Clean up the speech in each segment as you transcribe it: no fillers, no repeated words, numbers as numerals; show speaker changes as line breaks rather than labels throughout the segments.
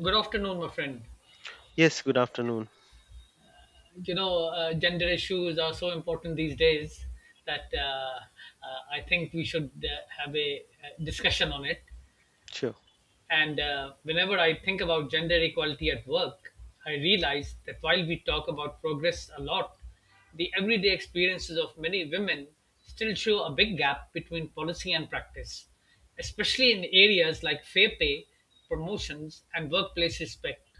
Good afternoon, my friend.
Yes, good afternoon.
Gender issues are so important these days that I think we should have a discussion on it.
Sure.
And Whenever I think about gender equality at work, I realize that while we talk about progress a lot, the everyday experiences of many women still show a big gap between policy and practice, especially in areas like fair pay, promotions, and workplace respect.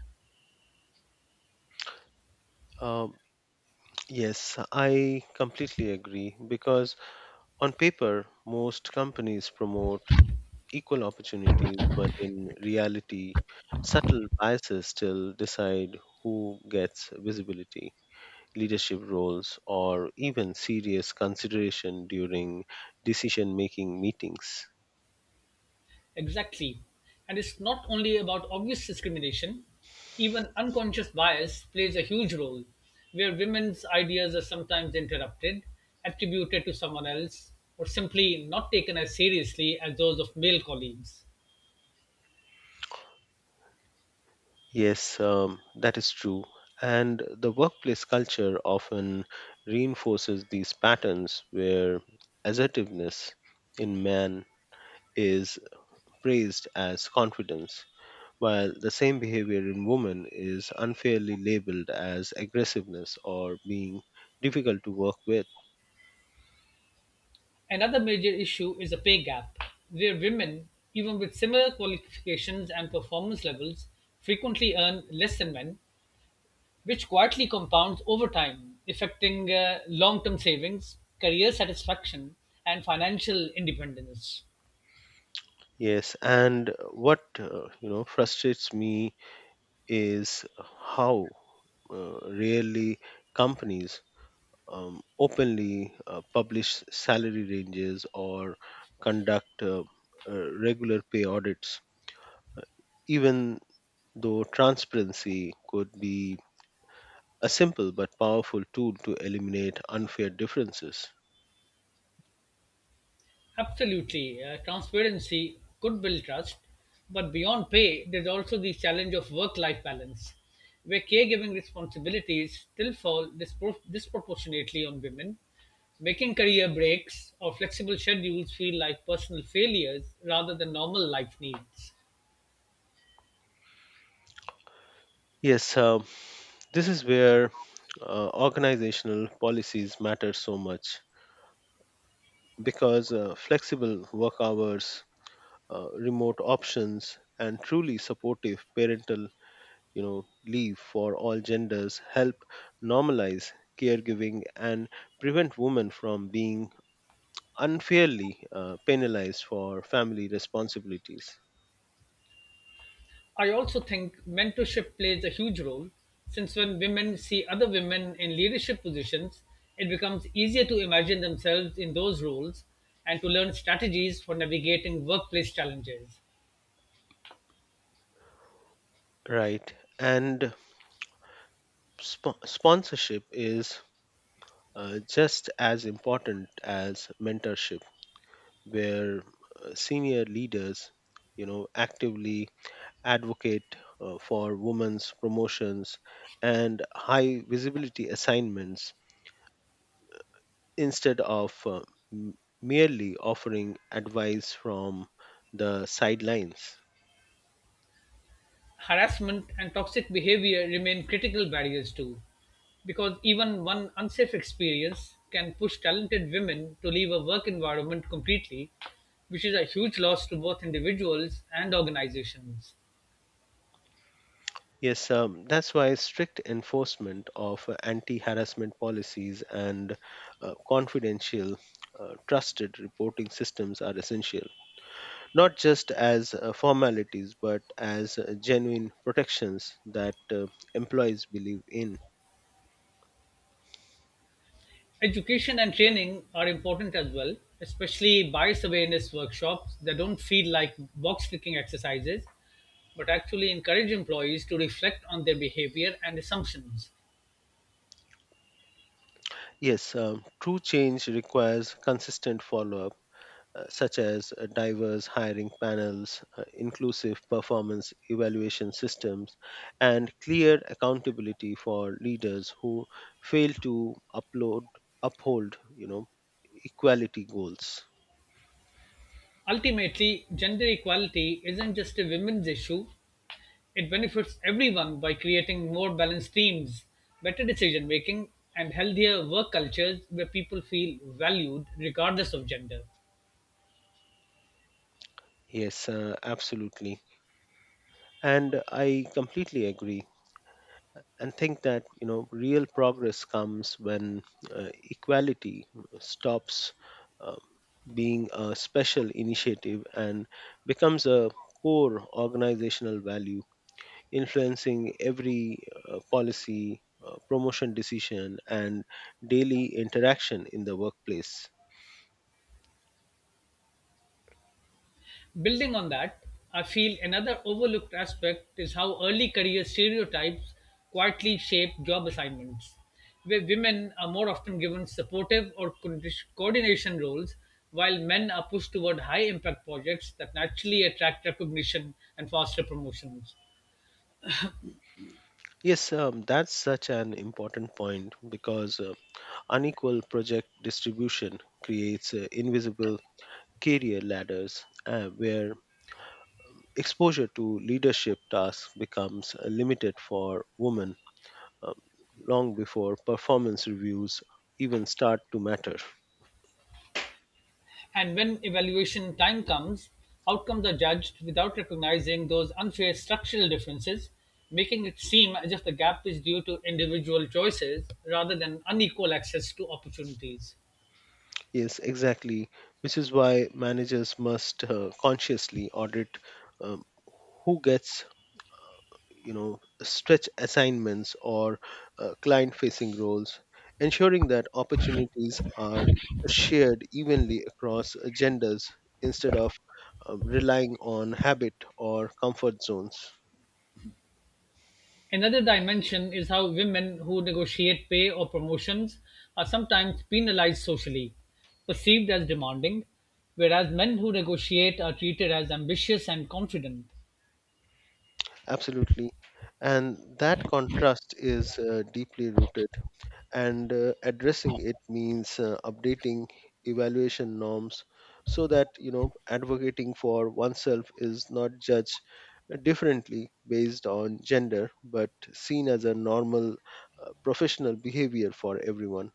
Um, yes, I completely agree because on paper, most companies promote equal opportunities, but in reality, subtle biases still decide who gets visibility, leadership roles, or even serious consideration during decision making meetings.
Exactly. And it's not only about obvious discrimination, even unconscious bias plays a huge role, where women's ideas are sometimes interrupted, attributed to someone else, or simply not taken as seriously as those of male colleagues.
Yes, that is true. And the workplace culture often reinforces these patterns where assertiveness in man is praised as confidence, while the same behavior in women is unfairly labeled as aggressiveness or being difficult to work with.
Another major issue is a pay gap, where women, even with similar qualifications and performance levels, frequently earn less than men, which quietly compounds over time, affecting long term savings, career satisfaction, and financial independence.
Yes, and what frustrates me is how rarely companies openly publish salary ranges or conduct regular pay audits, uh, even though transparency could be a simple but powerful tool to eliminate unfair differences.
Absolutely, transparency could build trust, but beyond pay, there's also the challenge of work life balance, where caregiving responsibilities still fall disproportionately on women. Making career breaks or flexible schedules feel like personal failures rather than normal life needs.
Yes, this is where organizational policies matter so much because flexible work hours, remote options, and truly supportive parental, you know, leave for all genders help normalize caregiving and prevent women from being unfairly penalized for family responsibilities.
I also think mentorship plays a huge role, since when women see other women in leadership positions, it becomes easier to imagine themselves in those roles and to learn strategies for navigating workplace challenges.
Right, and sponsorship is just as important as mentorship, where senior leaders, you know, actively advocate for women's promotions and high visibility assignments instead of merely offering advice from the sidelines.
Harassment and toxic behavior remain critical barriers too, because even one unsafe experience can push talented women to leave a work environment completely, which is a huge loss to both individuals and organizations.
Yes, that's why strict enforcement of anti harassment policies and confidential, trusted reporting systems are essential, not just as formalities, but as genuine protections that employees believe in.
Education and training are important as well, especially bias awareness workshops that don't feel like box ticking exercises, but actually encourage employees to reflect on their behavior and assumptions.
Yes, true change requires consistent follow up such as diverse hiring panels, inclusive performance evaluation systems, and clear accountability for leaders who fail to upload, uphold, you know, equality goals.
Ultimately, gender equality isn't just a women's issue, it benefits everyone by creating more balanced teams, better decision making, and healthier work cultures where people feel valued regardless of gender.
Yes, absolutely. And I completely agree, and think that you know real progress comes when equality stops um, being a special initiative and becomes a core organizational value influencing every policy, promotion decision, and daily interaction in the workplace.
Building on that, I feel another overlooked aspect is how early career stereotypes quietly shape job assignments, where women are more often given supportive or coordination roles, while men are pushed toward high impact projects that naturally attract recognition and foster promotions.
Yes, that's such an important point because unequal project distribution creates invisible career ladders where exposure to leadership tasks becomes limited for women um, long before performance reviews even start to matter.
And when evaluation time comes, outcomes are judged without recognizing those unfair structural differences, making it seem as if the gap is due to individual choices rather than unequal access to opportunities.
Yes, exactly, which is why managers must consciously audit um, who gets, you know, stretch assignments or client facing roles, ensuring that opportunities are shared evenly across genders instead of relying on habit or comfort zones.
Another dimension is how women who negotiate pay or promotions are sometimes penalized socially, perceived as demanding, whereas men who negotiate are treated as ambitious and confident.
Absolutely. And that contrast is deeply rooted, and addressing it means updating evaluation norms so that you know advocating for oneself is not judged differently based on gender but seen as a normal professional behavior for everyone.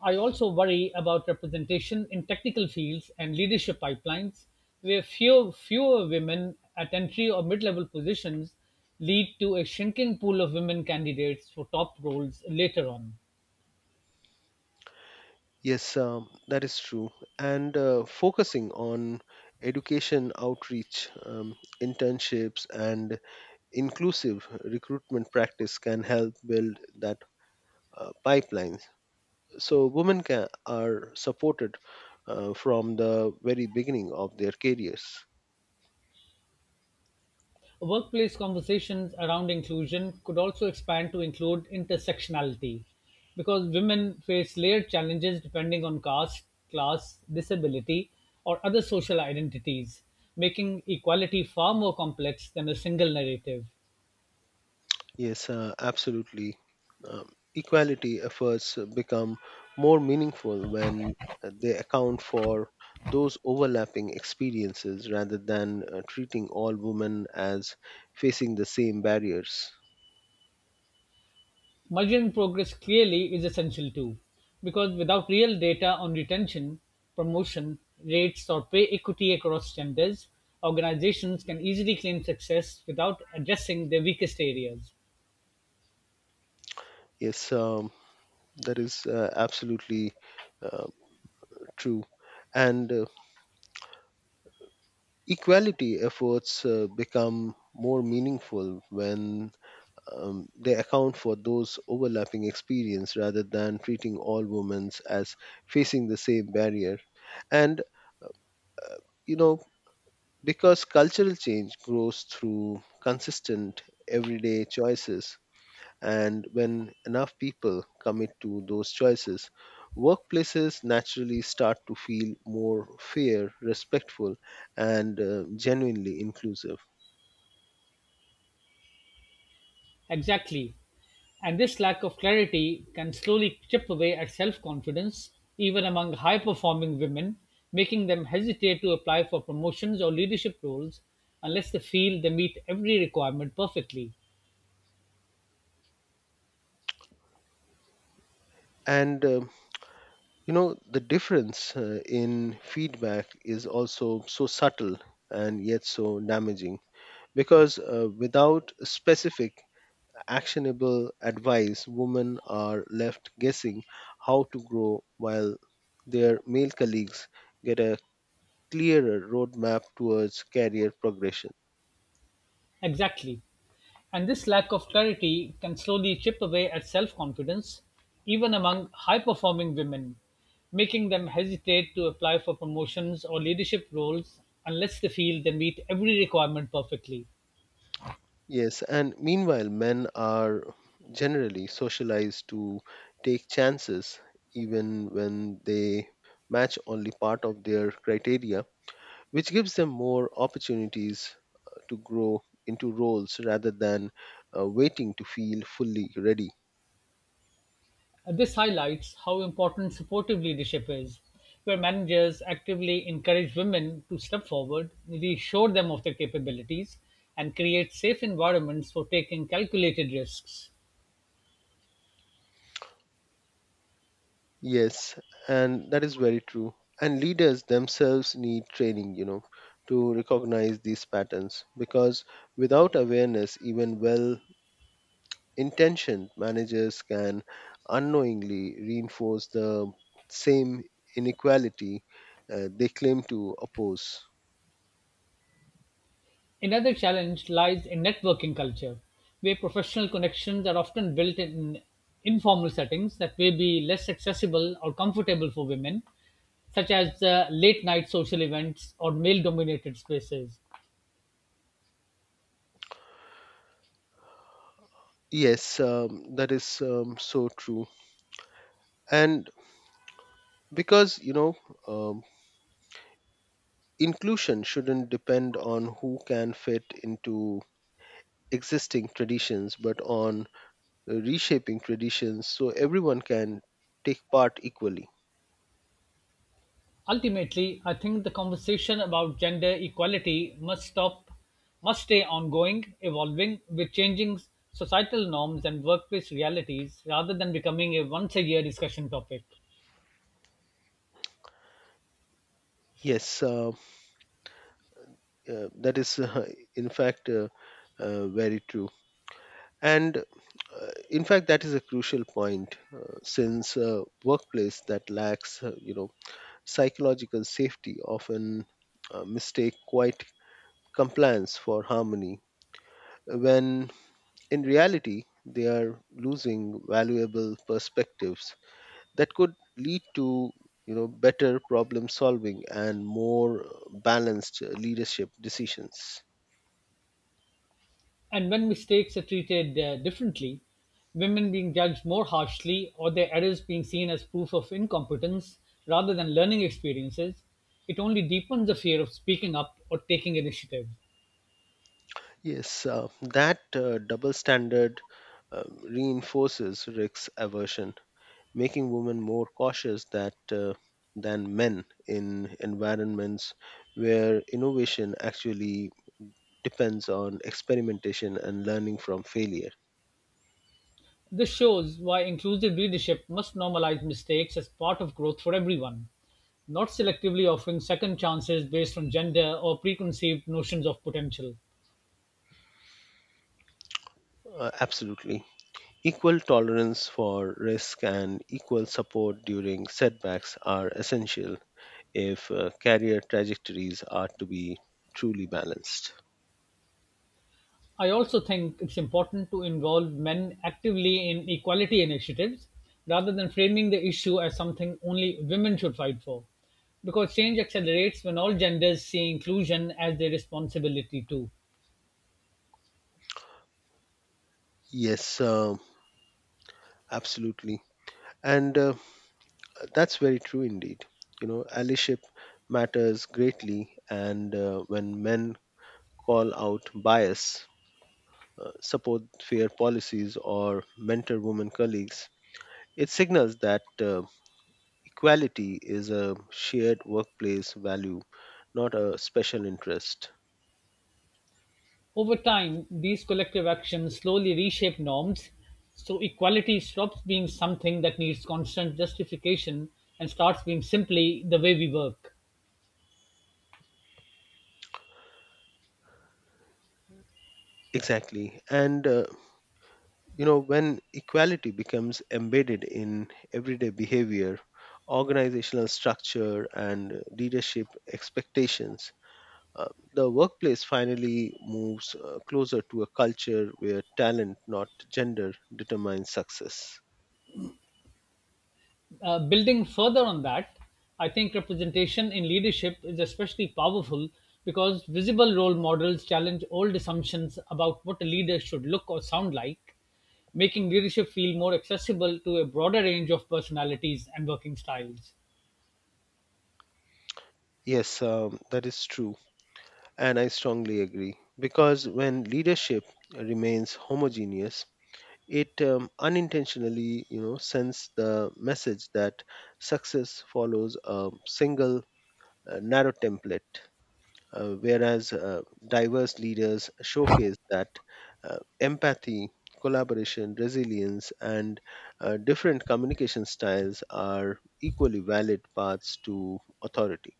I also worry about representation in technical fields and leadership pipelines, where fewer women at entry or mid level positions lead to a shrinking pool of women candidates for top roles later on.
Yes, that is true. And focusing on education outreach, internships, and inclusive recruitment practice can help build that pipeline so women are supported from the very beginning of their careers.
Workplace conversations around inclusion could also expand to include intersectionality, because women face layered challenges depending on caste, class, disability, or other social identities, making equality far more complex than a single narrative.
Yes, absolutely. um, Equality efforts become more meaningful when they account for those overlapping experiences rather than treating all women as facing the same barriers.
Measuring progress clearly is essential too, because without real data on retention, promotion rates, or pay equity across genders, organizations can easily claim success without addressing their weakest areas.
Yes, that is absolutely uh, true. And equality efforts become more meaningful when they account for those overlapping experience rather than treating all women as facing the same barrier. And, you know, because cultural change grows through consistent everyday choices, and when enough people commit to those choices, workplaces naturally start to feel more fair, respectful, and genuinely inclusive.
Exactly. And this lack of clarity can slowly chip away at self confidence, even among high performing women, making them hesitate to apply for promotions or leadership roles unless they feel they meet every requirement perfectly.
And you know, the difference in feedback is also so subtle and yet so damaging because without specific actionable advice, women are left guessing how to grow while their male colleagues get a clearer roadmap towards career progression.
Exactly. And this lack of clarity can slowly chip away at self confidence, even among high performing women, making them hesitate to apply for promotions or leadership roles unless they feel they meet every requirement perfectly.
Yes, and meanwhile, men are generally socialized to take chances even when they match only part of their criteria, which gives them more opportunities to grow into roles rather than waiting to feel fully ready.
And this highlights how important supportive leadership is, where managers actively encourage women to step forward, reassure them of their capabilities, and create safe environments for taking calculated risks.
Yes, and that is very true. And leaders themselves need training, you know, to recognize these patterns because without awareness, even well intentioned managers can unknowingly reinforce the same inequality they claim to oppose.
Another challenge lies in networking culture, where professional connections are often built in informal settings that may be less accessible or comfortable for women, such as late night social events or male dominated spaces.
Yes, that is so true. And because, you know, um, inclusion shouldn't depend on who can fit into existing traditions but on reshaping traditions so everyone can take part equally.
Ultimately, I think the conversation about gender equality must stay ongoing, evolving with changing societal norms and workplace realities rather than becoming a once a year discussion topic.
Yes, that is in fact very true. And in fact that is a crucial point since a workplace that lacks you know psychological safety often mistake quite compliance for harmony when in reality they are losing valuable perspectives that could lead to you know better problem solving and more balanced leadership decisions.
And when mistakes are treated differently, women being judged more harshly or their errors being seen as proof of incompetence rather than learning experiences, it only deepens the fear of speaking up or taking initiative.
Yes, that double standard reinforces risk aversion, making women more cautious that than men in environments where innovation actually depends on experimentation and learning from failure.
This shows why inclusive leadership must normalize mistakes as part of growth for everyone, not selectively offering second chances based on gender or preconceived notions of potential.
Absolutely. Equal tolerance for risk and equal support during setbacks are essential if career trajectories are to be truly balanced.
I also think it's important to involve men actively in equality initiatives rather than framing the issue as something only women should fight for. Because change accelerates when all genders see inclusion as their responsibility too.
Yes, absolutely. And that's very true indeed. You know, allyship matters greatly, and when men call out bias, support fair policies, or mentor women colleagues, it signals that equality is a shared workplace value, not a special interest.
Over time, these collective actions slowly reshape norms, so equality stops being something that needs constant justification and starts being simply the way we work.
Exactly. And, you know, when equality becomes embedded in everyday behavior, organizational structure, and leadership expectations, the workplace finally moves closer to a culture where talent, not gender, determines success.
Building further on that, I think representation in leadership is especially powerful because visible role models challenge old assumptions about what a leader should look or sound like, making leadership feel more accessible to a broader range of personalities and working styles.
Yes, that is true. And I strongly agree because when leadership remains homogeneous, it unintentionally, you know, sends the message that success follows a single narrow template, whereas diverse leaders showcase that empathy, collaboration, resilience, and different communication styles are equally valid paths to authority.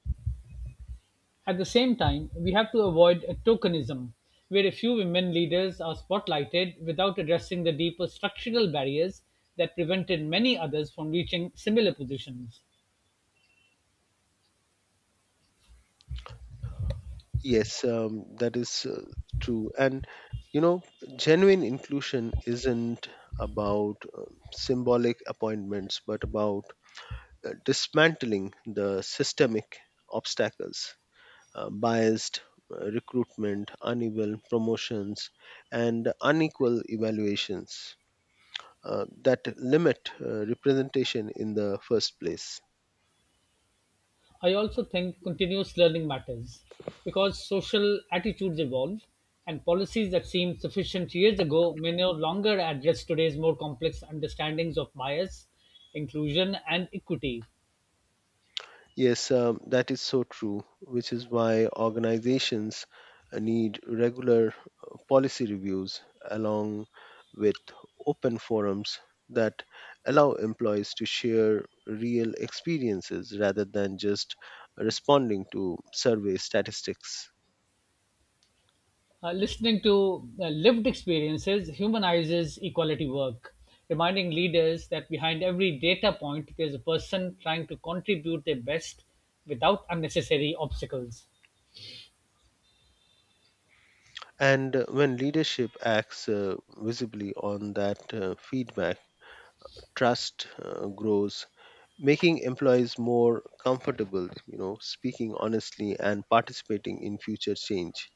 At the same time, we have to avoid a tokenism where a few women leaders are spotlighted without addressing the deeper structural barriers that prevented many others from reaching similar positions.
Yes, that is true. And you know, genuine inclusion isn't about symbolic appointments, but about dismantling the systemic obstacles, biased recruitment, uneven promotions, and unequal evaluations that limit representation in the first place.
I also think continuous learning matters because social attitudes evolve and policies that seemed sufficient years ago may no longer address today's more complex understandings of bias, inclusion, and equity.
Yes, that is so true, which is why organizations need regular policy reviews along with open forums that allow employees to share real experiences rather than just responding to survey statistics.
Listening to lived experiences humanizes equality work, reminding leaders that behind every data point there's a person trying to contribute their best without unnecessary obstacles.
And when leadership acts visibly on that feedback, trust grows, making employees more comfortable you know speaking honestly and participating in future change.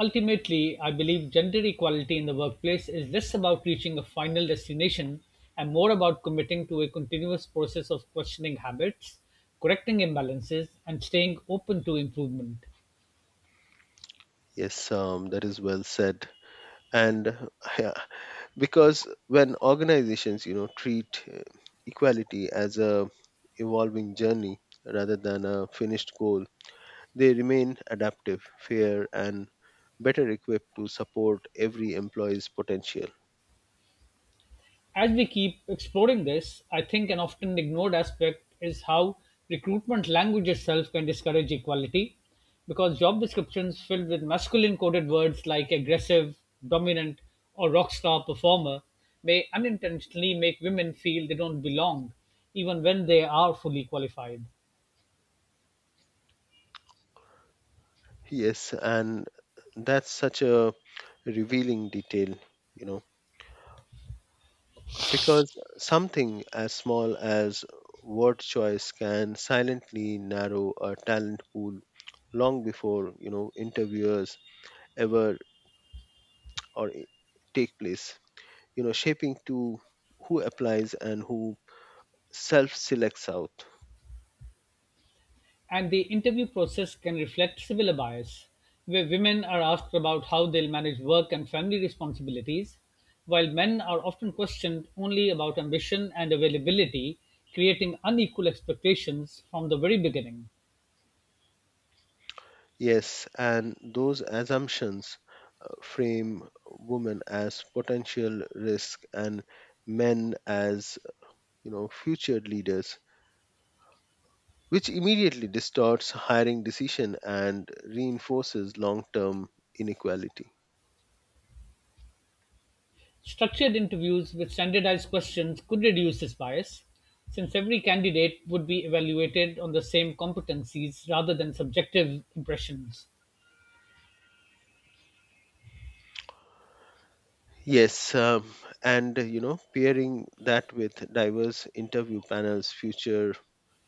Ultimately, I believe gender equality in the workplace is less about reaching a final destination and more about committing to a continuous process of questioning habits, correcting imbalances, and staying open to improvement.
Yes, that is well said. And yeah, because when organizations you know treat equality as a evolving journey rather than a finished goal, they remain adaptive, fair, and better equipped to support every employee's potential.
As we keep exploring this, I think an often ignored aspect is how recruitment language itself can discourage equality because job descriptions filled with masculine coded words like aggressive, dominant, or rock star performer may unintentionally make women feel they don't belong even when they are fully qualified.
Yes, and that's such a revealing detail, you know, because something as small as word choice can silently narrow a talent pool long before you know interviewers ever or i- take place, you know, shaping to who applies and who self selects out.
And the interview process can reflect similar bias, where women are asked about how they'll manage work and family responsibilities, while men are often questioned only about ambition and availability, creating unequal expectations from the very beginning.
Yes, and those assumptions frame women as potential risk and men as you know future leaders, which immediately distorts hiring decision and reinforces long-term inequality.
Structured interviews with standardized questions could reduce this bias, since every candidate would be evaluated on the same competencies rather than subjective impressions.
Yes, and you know, pairing that with diverse interview panels, future,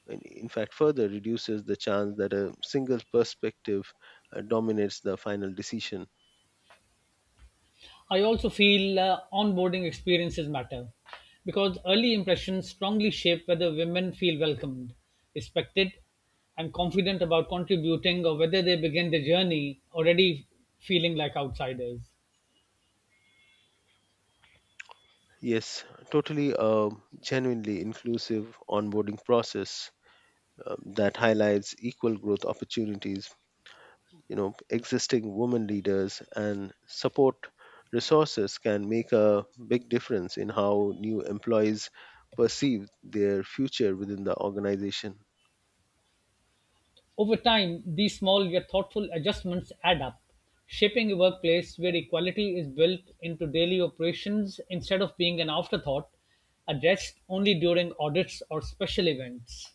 in fact, further reduces the chance that a single perspective dominates the final decision.
I also feel onboarding experiences matter because early impressions strongly shape whether women feel welcomed, respected, and confident about contributing or whether they begin their journey already feeling like outsiders.
Yes, totally, a genuinely inclusive onboarding process that highlights equal growth opportunities you know existing women leaders and support resources can make a big difference in how new employees perceive their future within the organization.
Over time, these small yet thoughtful adjustments add up, shaping a workplace where equality is built into daily operations instead of being an afterthought addressed only during audits or special events.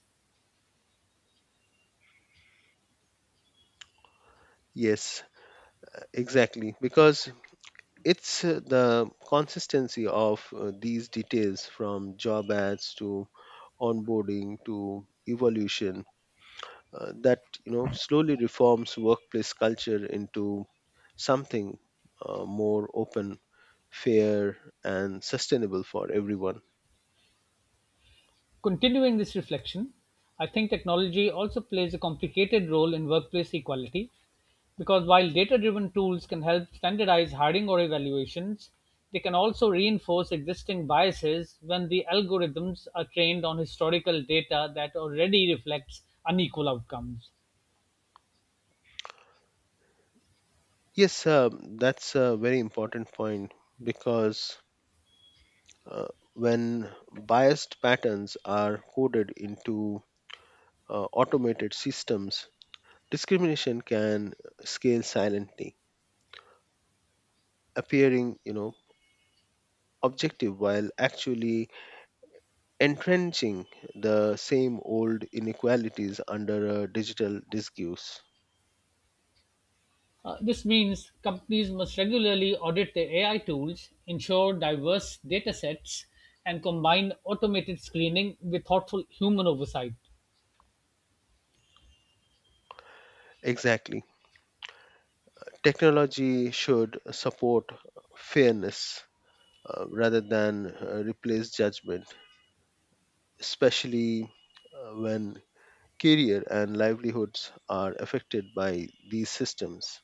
Yes, exactly, because it's the consistency of these details from job ads to onboarding to evolution that you know slowly reforms workplace culture into something more open, fair, and sustainable for everyone.
Continuing this reflection, I think technology also plays a complicated role in workplace equality because while data driven tools can help standardize hiring or evaluations, they can also reinforce existing biases when the algorithms are trained on historical data that already reflects unequal outcomes.
Yes, that's a very important point because uh, when biased patterns are coded into automated systems, discrimination can scale silently, appearing, you know, objective while actually entrenching the same old inequalities under a digital discourse.
This means companies must regularly audit their AI tools, ensure diverse data sets, and combine automated screening with thoughtful human oversight.
Exactly. Technology should support fairness rather than replace judgment, especially when career and livelihoods are affected by these systems.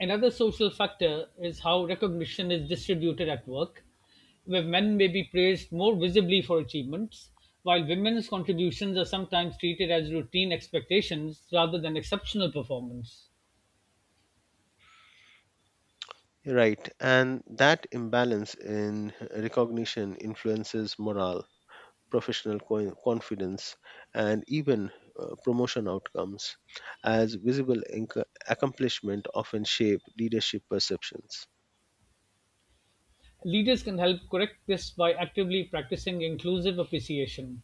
Another social factor is how recognition is distributed at work, where men may be praised more visibly for achievements, while women's contributions are sometimes treated as routine expectations rather than exceptional performance.
Right, and that imbalance in recognition influences morale, professional confidence, and even promotion outcomes, as visible accomplishment often shape leadership perceptions.
Leaders can help correct this by actively practicing inclusive appreciation,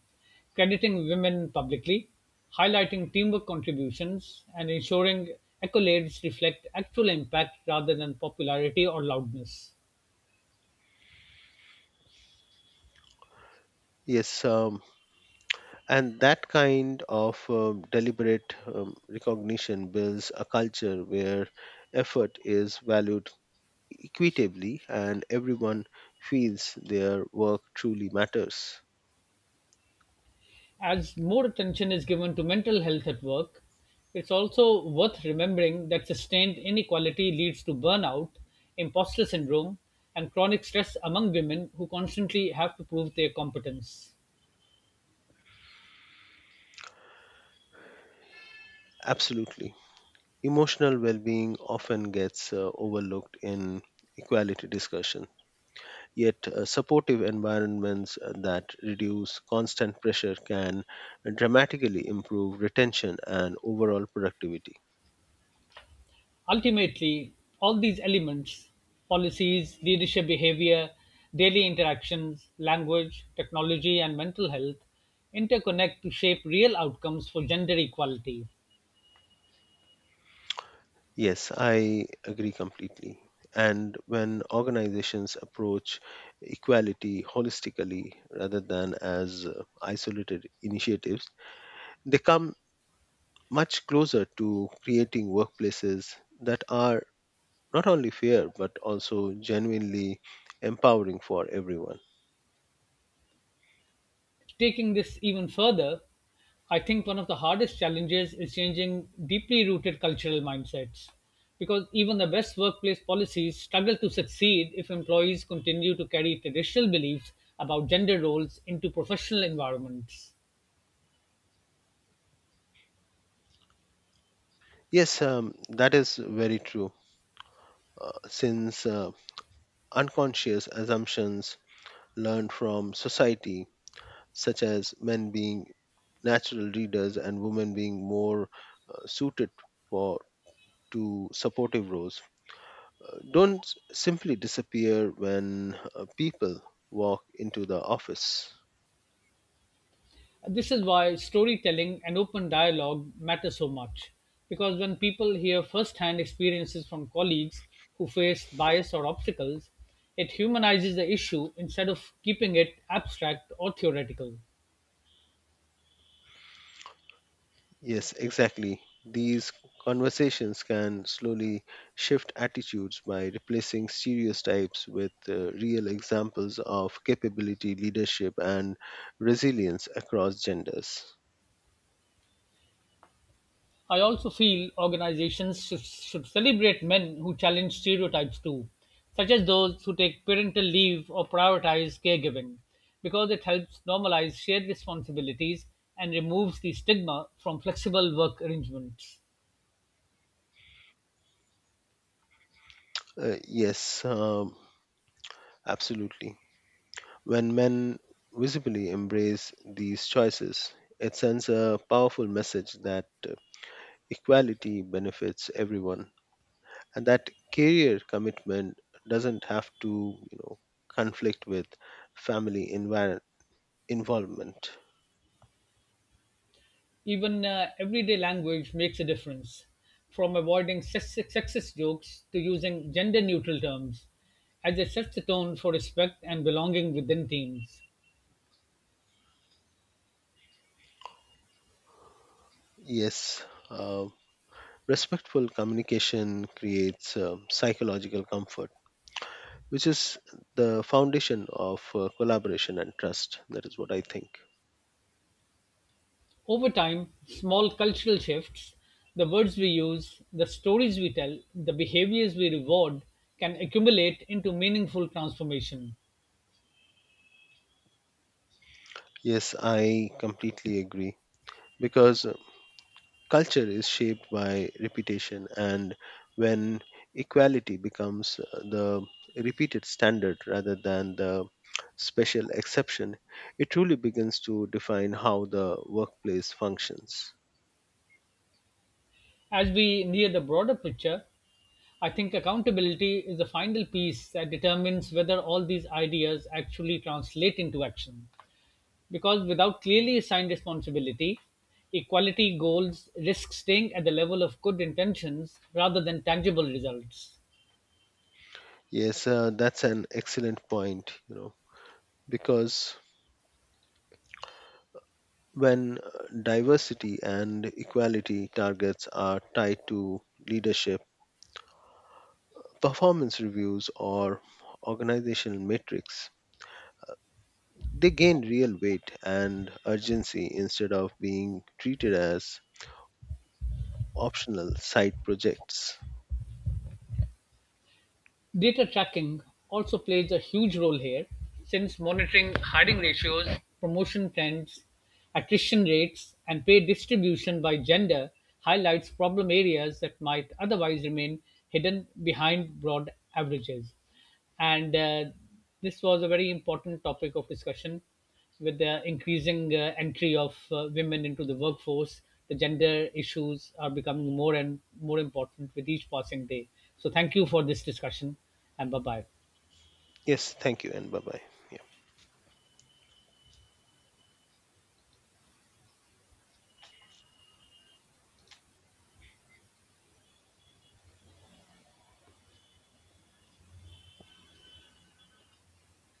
crediting women publicly, highlighting teamwork contributions, and ensuring accolades reflect actual impact rather than popularity or loudness.
Yes, and that kind of deliberate recognition builds a culture where effort is valued equitably and everyone feels their work truly matters.
As more attention is given to mental health at work, it's also worth remembering that sustained inequality leads to burnout, imposter syndrome, and chronic stress among women who constantly have to prove their competence.
Absolutely. Emotional well being often gets overlooked in equality discussion, yet, supportive environments that reduce constant pressure can dramatically improve retention and overall productivity.
Ultimately, all these elements policies, leadership behavior, daily interactions, language, technology, and mental health interconnect to shape real outcomes for gender equality.
Yes, I agree completely. And when organizations approach equality holistically rather than as isolated initiatives, they come much closer to creating workplaces that are not only fair but also genuinely empowering for everyone.
Taking this even further, I think one of the hardest challenges is changing deeply rooted cultural mindsets because even the best workplace policies struggle to succeed if employees continue to carry traditional beliefs about gender roles into professional environments.
Yes, that is very true. Since unconscious assumptions learned from society, such as men being natural readers and women being more suited for to supportive roles don't simply disappear when people walk into the office.
This is why storytelling and open dialogue matter so much, because when people hear firsthand experiences from colleagues who faced bias or obstacles, it humanizes the issue instead of keeping it abstract or theoretical.
Yes, exactly, these conversations can slowly shift attitudes by replacing stereotypes with real examples of capability, leadership, and resilience across genders.
I also feel organizations should celebrate men who challenge stereotypes too, such as those who take parental leave or prioritize caregiving, because it helps normalize shared responsibilities and removes the stigma from flexible work arrangements.
Yes, absolutely. When men visibly embrace these choices, it sends a powerful message that equality benefits everyone and that career commitment doesn't have to, you know, conflict with family involvement.
Even everyday language makes a difference, from avoiding sexist jokes to using gender neutral terms, as it sets the tone for respect and belonging within teams.
Yes, respectful communication creates psychological comfort, which is the foundation of collaboration and trust. That is what I think.
Over time, small cultural shifts, the words we use, the stories we tell, the behaviors we reward can accumulate into meaningful transformation.
Yes, I completely agree because culture is shaped by repetition, and when equality becomes the repeated standard rather than the special exception, it truly begins to define how the workplace functions.
As we near the broader picture, I think accountability is the final piece that determines whether all these ideas actually translate into action. Because without clearly assigned responsibility, equality goals risk staying at the level of good intentions rather than tangible results.
Yes, that's an excellent point, you know, because when diversity and equality targets are tied to leadership, performance reviews, or organizational metrics, they gain real weight and urgency instead of being treated as optional side projects.
Data tracking also plays a huge role here, since monitoring hiring ratios, promotion trends, attrition rates, and pay distribution by gender highlights problem areas that might otherwise remain hidden behind broad averages. And this was a very important topic of discussion. With the increasing entry of women into the workforce, the gender issues are becoming more and more important with each passing day. So thank you for this discussion, and bye bye.
Yes, thank you and bye bye.